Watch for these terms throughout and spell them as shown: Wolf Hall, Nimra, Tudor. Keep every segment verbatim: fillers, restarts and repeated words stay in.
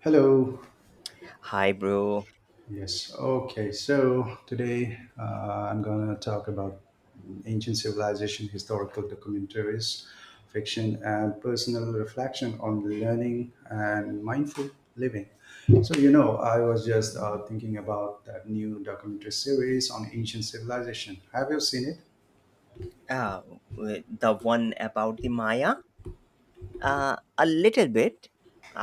Hello. Hi, bro. Yes. Okay. So today uh, I'm going to talk about ancient civilization, historical documentaries, fiction, and personal reflection on learning and mindful living. So, you know, I was just uh, thinking about that new documentary series on ancient civilization. Have you seen it? Uh, w- the one about the Maya? Uh, a little bit.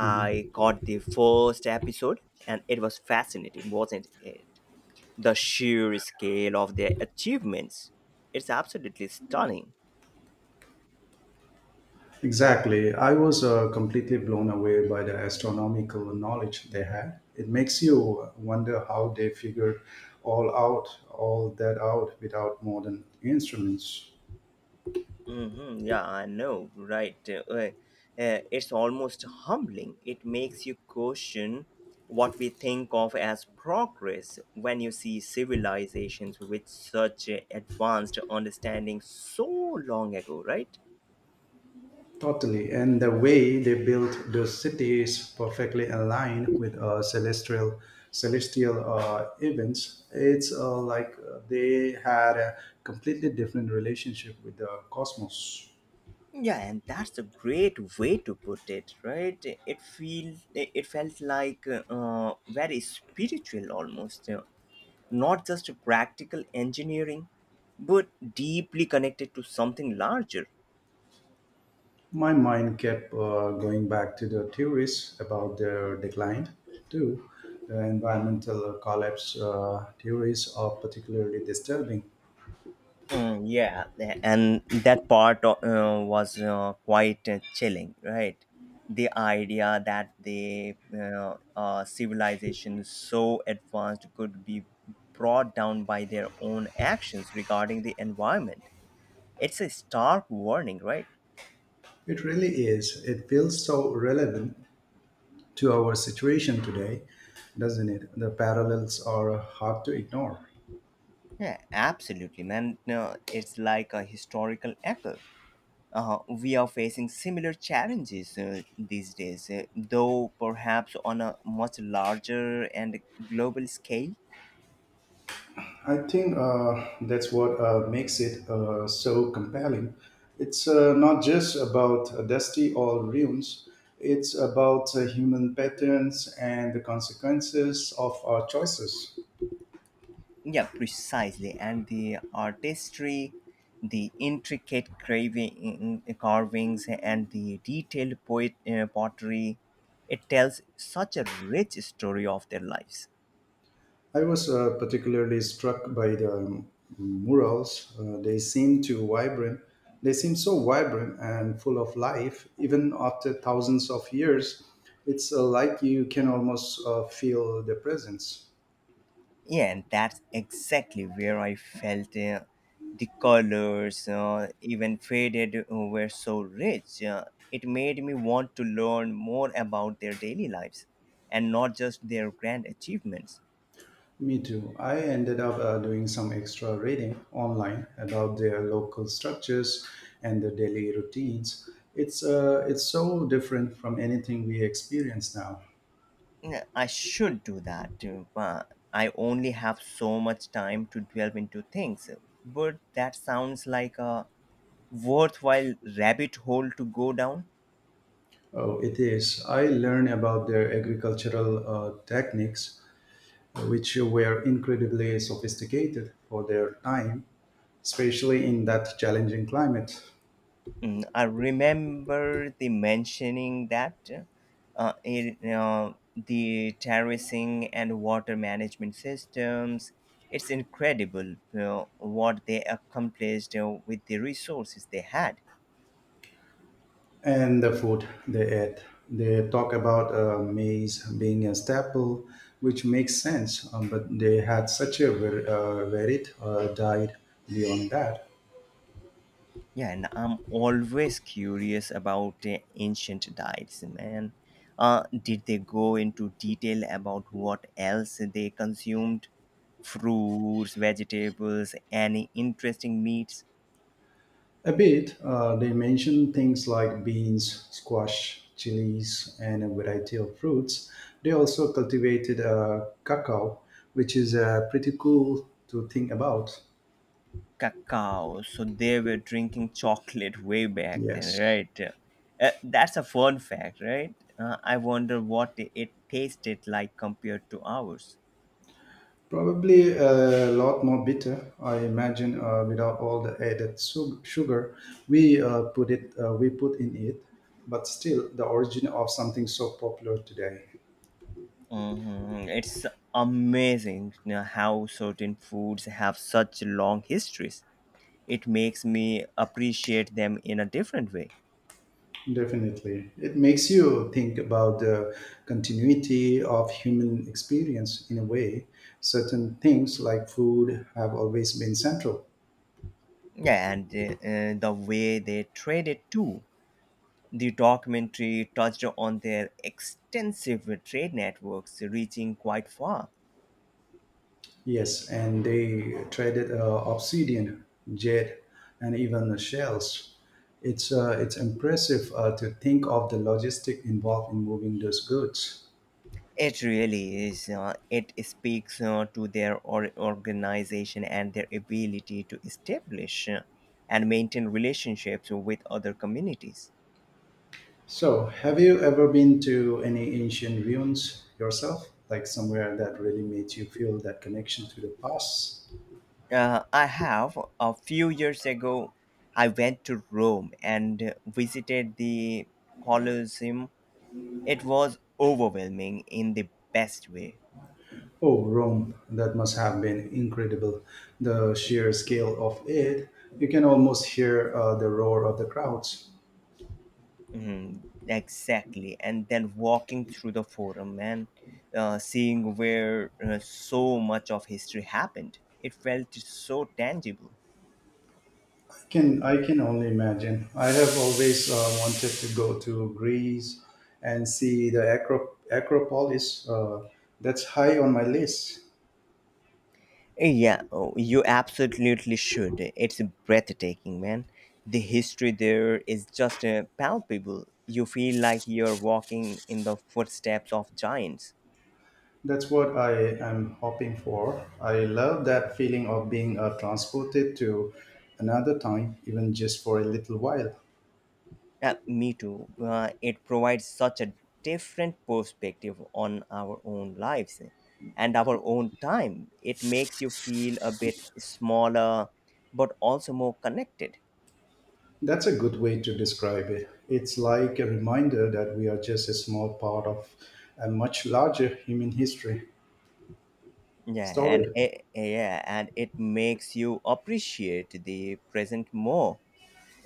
caught the first episode, and it was fascinating, wasn't it? The sheer scale of their achievements. It's absolutely stunning. Exactly. I was uh, completely blown away by the astronomical knowledge they had. It makes you uh, wonder how they figured all out, all that out without modern instruments. Hmm Yeah, I know, right? Uh, uh, uh, it's almost humbling. It makes you question what we think of as progress when you see civilizations with such uh, advanced understanding so long ago, right? Totally. And the way they built the cities perfectly aligned with uh, celestial celestial uh, events. It's uh, like uh, they had a completely different relationship with the cosmos. Yeah, and that's a great way to put it, right? It feel it felt like uh, very spiritual almost, uh, not just practical engineering, but deeply connected to something larger. My mind kept uh, going back to the theories about their decline, too. The environmental collapse uh, theories are particularly disturbing. Mm, yeah, tha- and that part o- uh, was uh, quite uh, chilling, right? The idea that the uh, uh, civilization so advanced could be brought down by their own actions regarding the environment. It's a stark warning, right? It really is. It feels so relevant to our situation today, doesn't it? The parallels are hard to ignore. Yeah, absolutely, man. No, it's like a historical echo. Uh, we are facing similar challenges uh, these days, uh, though perhaps on a much larger and global scale. I think uh, that's what uh, makes it uh, so compelling. It's uh, not just about uh, dusty old ruins, it's about uh, human patterns and the consequences of our choices. Yeah, precisely. And the artistry, the intricate craving, mm, mm, carvings, and the detailed poet, uh, pottery, it tells such a rich story of their lives. I was uh, particularly struck by the um, murals. Uh, they seem to vibrant. They seem so vibrant and full of life, even after thousands of years. It's uh, like you can almost uh, feel the presence. Yeah, and that's exactly where I felt uh, the colors, uh, even faded, uh, were so rich. Uh, it made me want to learn more about their daily lives and not just their grand achievements. Me too. I ended up uh, doing some extra reading online about their local structures and their daily routines. It's uh, it's so different from anything we experience now. Yeah, I should do that too, but I only have so much time to delve into things. But that sounds like a worthwhile rabbit hole to go down. Oh, it is. I learned about their agricultural uh, techniques, which were incredibly sophisticated for their time, especially in that challenging climate. Mm, I remember the mentioning that uh, it, uh, the terracing and water management systems. It's incredible uh, what they accomplished uh, with the resources they had. And the food they ate. They talk about uh, maize being a staple, which makes sense, um, but they had such a var- uh, varied uh, diet beyond that. Yeah, and I'm always curious about the ancient diets, man. Uh, did they go into detail about what else they consumed? Fruits, vegetables, any interesting meats? A bit, uh, they mention things like beans, squash, chilies, and a variety of fruits. They also cultivated uh, cacao, which is uh, pretty cool to think about. Cacao. So they were drinking chocolate way back then, Yes. right? Uh, that's a fun fact, right? Uh, I wonder what it it tasted like compared to ours. Probably a lot more bitter, I imagine, uh, without all the added su- sugar we uh, put it uh, we put in it. But still, the origin of something so popular today. Mhm. It's amazing you know, how certain foods have such long histories. It makes me appreciate them in a different way. Definitely, it makes you think about the continuity of human experience in a way. Certain things like food have always been central. Yeah, and uh, uh, the way they traded too. The documentary touched on their extensive trade networks reaching quite far. Yes, and they traded uh, obsidian, jade, and even the shells. It's uh, it's impressive uh, to think of the logistic involved in moving those goods. It really is. Uh, it speaks uh, to their or- organization and their ability to establish uh, and maintain relationships with other communities. So, have you ever been to any ancient ruins yourself, like somewhere that really made you feel that connection to the past? Uh, I have. A few years ago, I went to Rome and uh, visited the Colosseum. It was overwhelming in the best way. Oh, Rome, that must have been incredible. The sheer scale of it, you can almost hear uh, the roar of the crowds. Mhm, exactly. And then walking through the forum and uh, seeing where uh, so much of history happened, it felt so tangible. Can I can only imagine. I have always uh, wanted to go to Greece and see the Acro- Acropolis. Uh, that's high on my list. Yeah, oh, you absolutely should. It's breathtaking, man. The history there is just uh, palpable. You feel like you're walking in the footsteps of giants. That's what I am hoping for. I love that feeling of being uh, transported to another time, even just for a little while. Yeah, me too. Uh, it provides such a different perspective on our own lives and our own time. It makes you feel a bit smaller, but also more connected. That's a good way to describe it. It's like a reminder that we are just a small part of a much larger human history Yeah, and story. It, yeah, and it makes you appreciate the present more,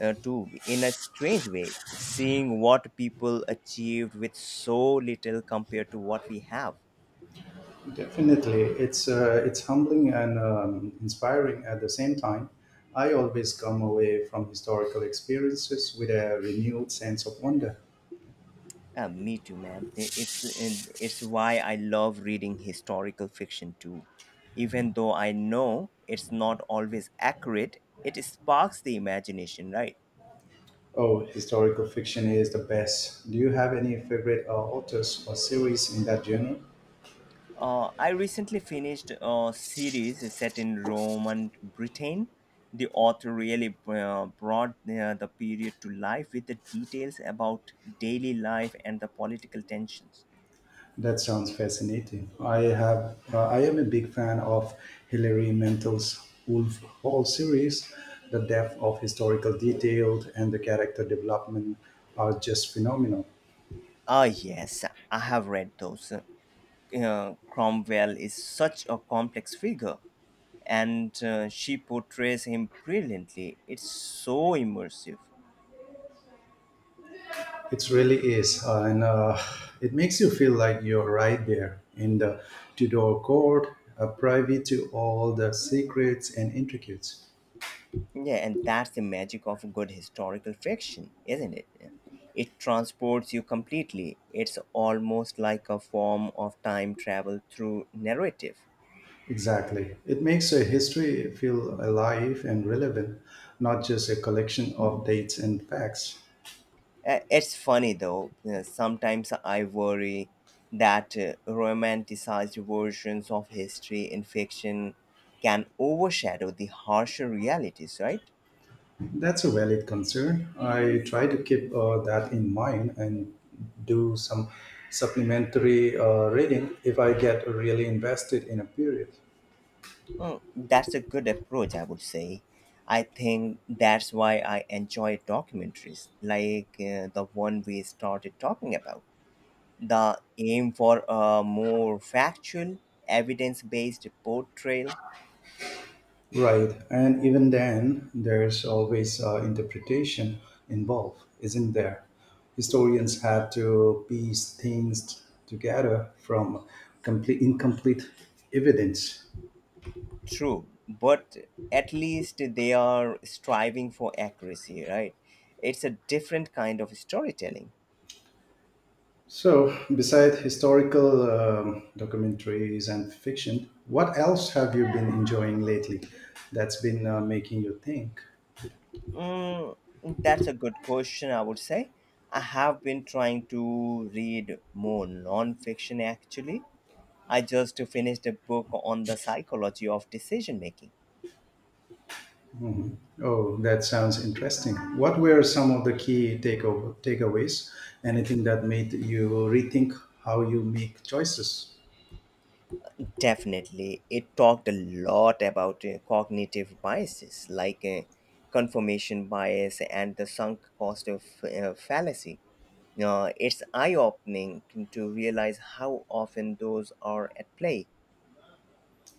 uh, too. In a strange way, seeing what people achieved with so little compared to what we have. Definitely, it's uh, it's humbling and um, inspiring at the same time. I always come away from historical experiences with a renewed sense of wonder. Uh, me too, man. It's it's why I love reading historical fiction too. Even though I know it's not always accurate, it sparks the imagination, right? Oh, historical fiction is the best. Do you have any favorite uh, authors or series in that genre? Uh, I recently finished a series set in Roman Britain. The author really uh, brought uh, the period to life with the details about daily life and the political tensions. That sounds fascinating. I have. Uh, I am a big fan of Hilary Mantel's Wolf Hall series. The depth of historical detail and the character development are just phenomenal. Ah, yes, I have read those. Uh, Cromwell is such a complex figure, and uh, she portrays him brilliantly. It's so immersive. It really is, uh, and uh, it makes you feel like you're right there in the Tudor court, uh, privy to all the secrets and intricacies. Yeah, and that's the magic of good historical fiction, isn't it? It transports you completely. It's almost like a form of time travel through narrative. Exactly. It makes a history feel alive and relevant, not just a collection of dates and facts. Uh, It's funny though, uh, sometimes I worry that uh, romanticized versions of history in fiction can overshadow the harsher realities, right? That's a valid concern. I try to keep uh, that in mind and do some supplementary uh, reading if I get really invested in a period. Mm, that's a good approach, I would say. I think that's why I enjoy documentaries like uh, the one we started talking about. The aim for a more factual, evidence based portrayal. Right. And even then, there's always uh, interpretation involved, isn't there? Historians have to piece things together from complete, incomplete evidence. True, but at least they are striving for accuracy, right? It's a different kind of storytelling. So, besides historical um, documentaries and fiction, what else have you been enjoying lately that's been uh, making you think? Mm, that's a good question, I would say. I have been trying to read more non fiction actually. I just finished a book on the psychology of decision making. Mhm. Oh, that sounds interesting. What were some of the key takeover, takeaways? Anything that made you rethink how you make choices? Definitely, it talked a lot about uh, cognitive biases like uh, confirmation bias and the sunk cost of uh, fallacy. Uh, it's eye opening to realize how often those are at play.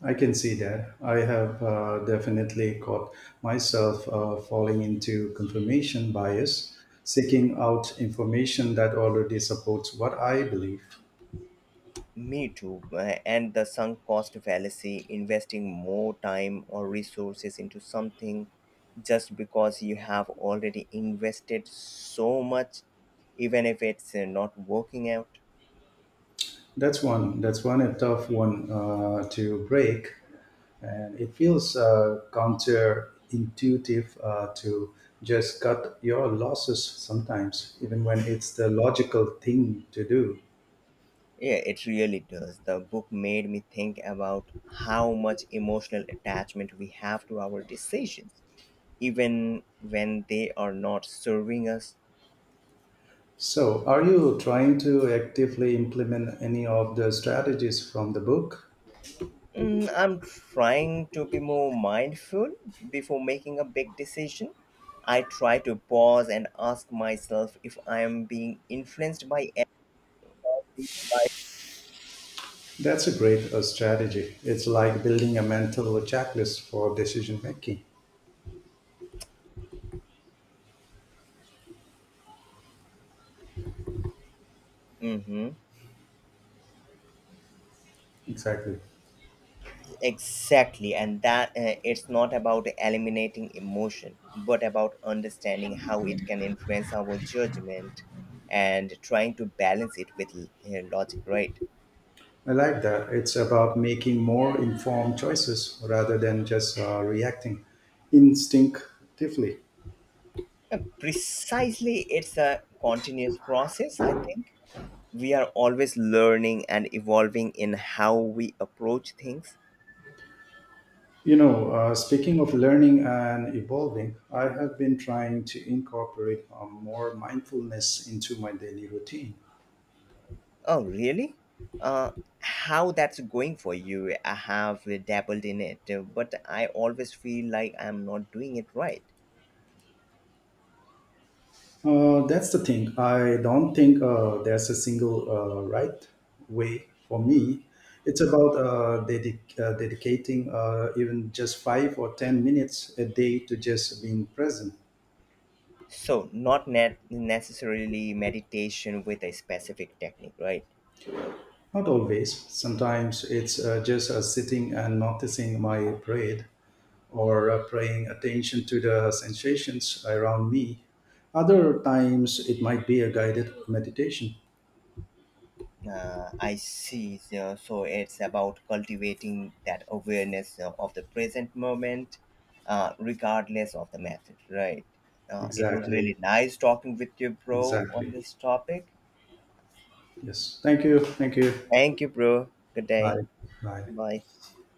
I can see that. I have uh, definitely caught myself uh, falling into confirmation bias, seeking out information that already supports what I believe. Me too. uh, And the sunk cost fallacy, investing more time or resources into something just because you have already invested so much, even if it's uh, not working out. That's one. That's one a tough one uh, to break. And it feels uh, counterintuitive uh, to just cut your losses sometimes, even when it's the logical thing to do. Yeah, it really does. The book made me think about how much emotional attachment we have to our decisions, even when they are not serving us. So, are you trying to actively implement any of the strategies from the book? Mm, I'm trying to be more mindful before making a big decision. I try to pause and ask myself if I am being influenced by any of these by... That's a great uh, strategy. It's like building a mental checklist for decision making. hmm Exactly. exactly, and that uh, it's not about eliminating emotion, but about understanding how it can influence our judgment and trying to balance it with uh, logic, right? I like that. It's about making more informed choices rather than just uh, reacting instinctively. Uh, precisely, it's a continuous process, I think. We are always learning and evolving in how we approach things. You know, uh, speaking of learning and evolving, I have been trying to incorporate uh, more mindfulness into my daily routine. Oh, really? Uh, how that's going for you? I have dabbled in it, uh, but I always feel like I'm not doing it right. Uh, that's the thing. I don't think uh, there's a single uh, right way for me. It's about uh, dedic- uh, dedicating uh, even just five or ten minutes a day to just being present. So, not net necessarily meditation with a specific technique, right? Not always. Sometimes it's uh, just uh, sitting and noticing my breath or uh, paying attention to the sensations around me. Other times, it might be a guided meditation. Uh, I see. So, so it's about cultivating that awareness uh, of the present moment, uh, regardless of the method, right? Uh, it was Exactly. really nice talking with you, bro, on Exactly. this topic. Yes. Thank you. Thank you. Thank you, bro. Good day. Bye. Bye. Bye.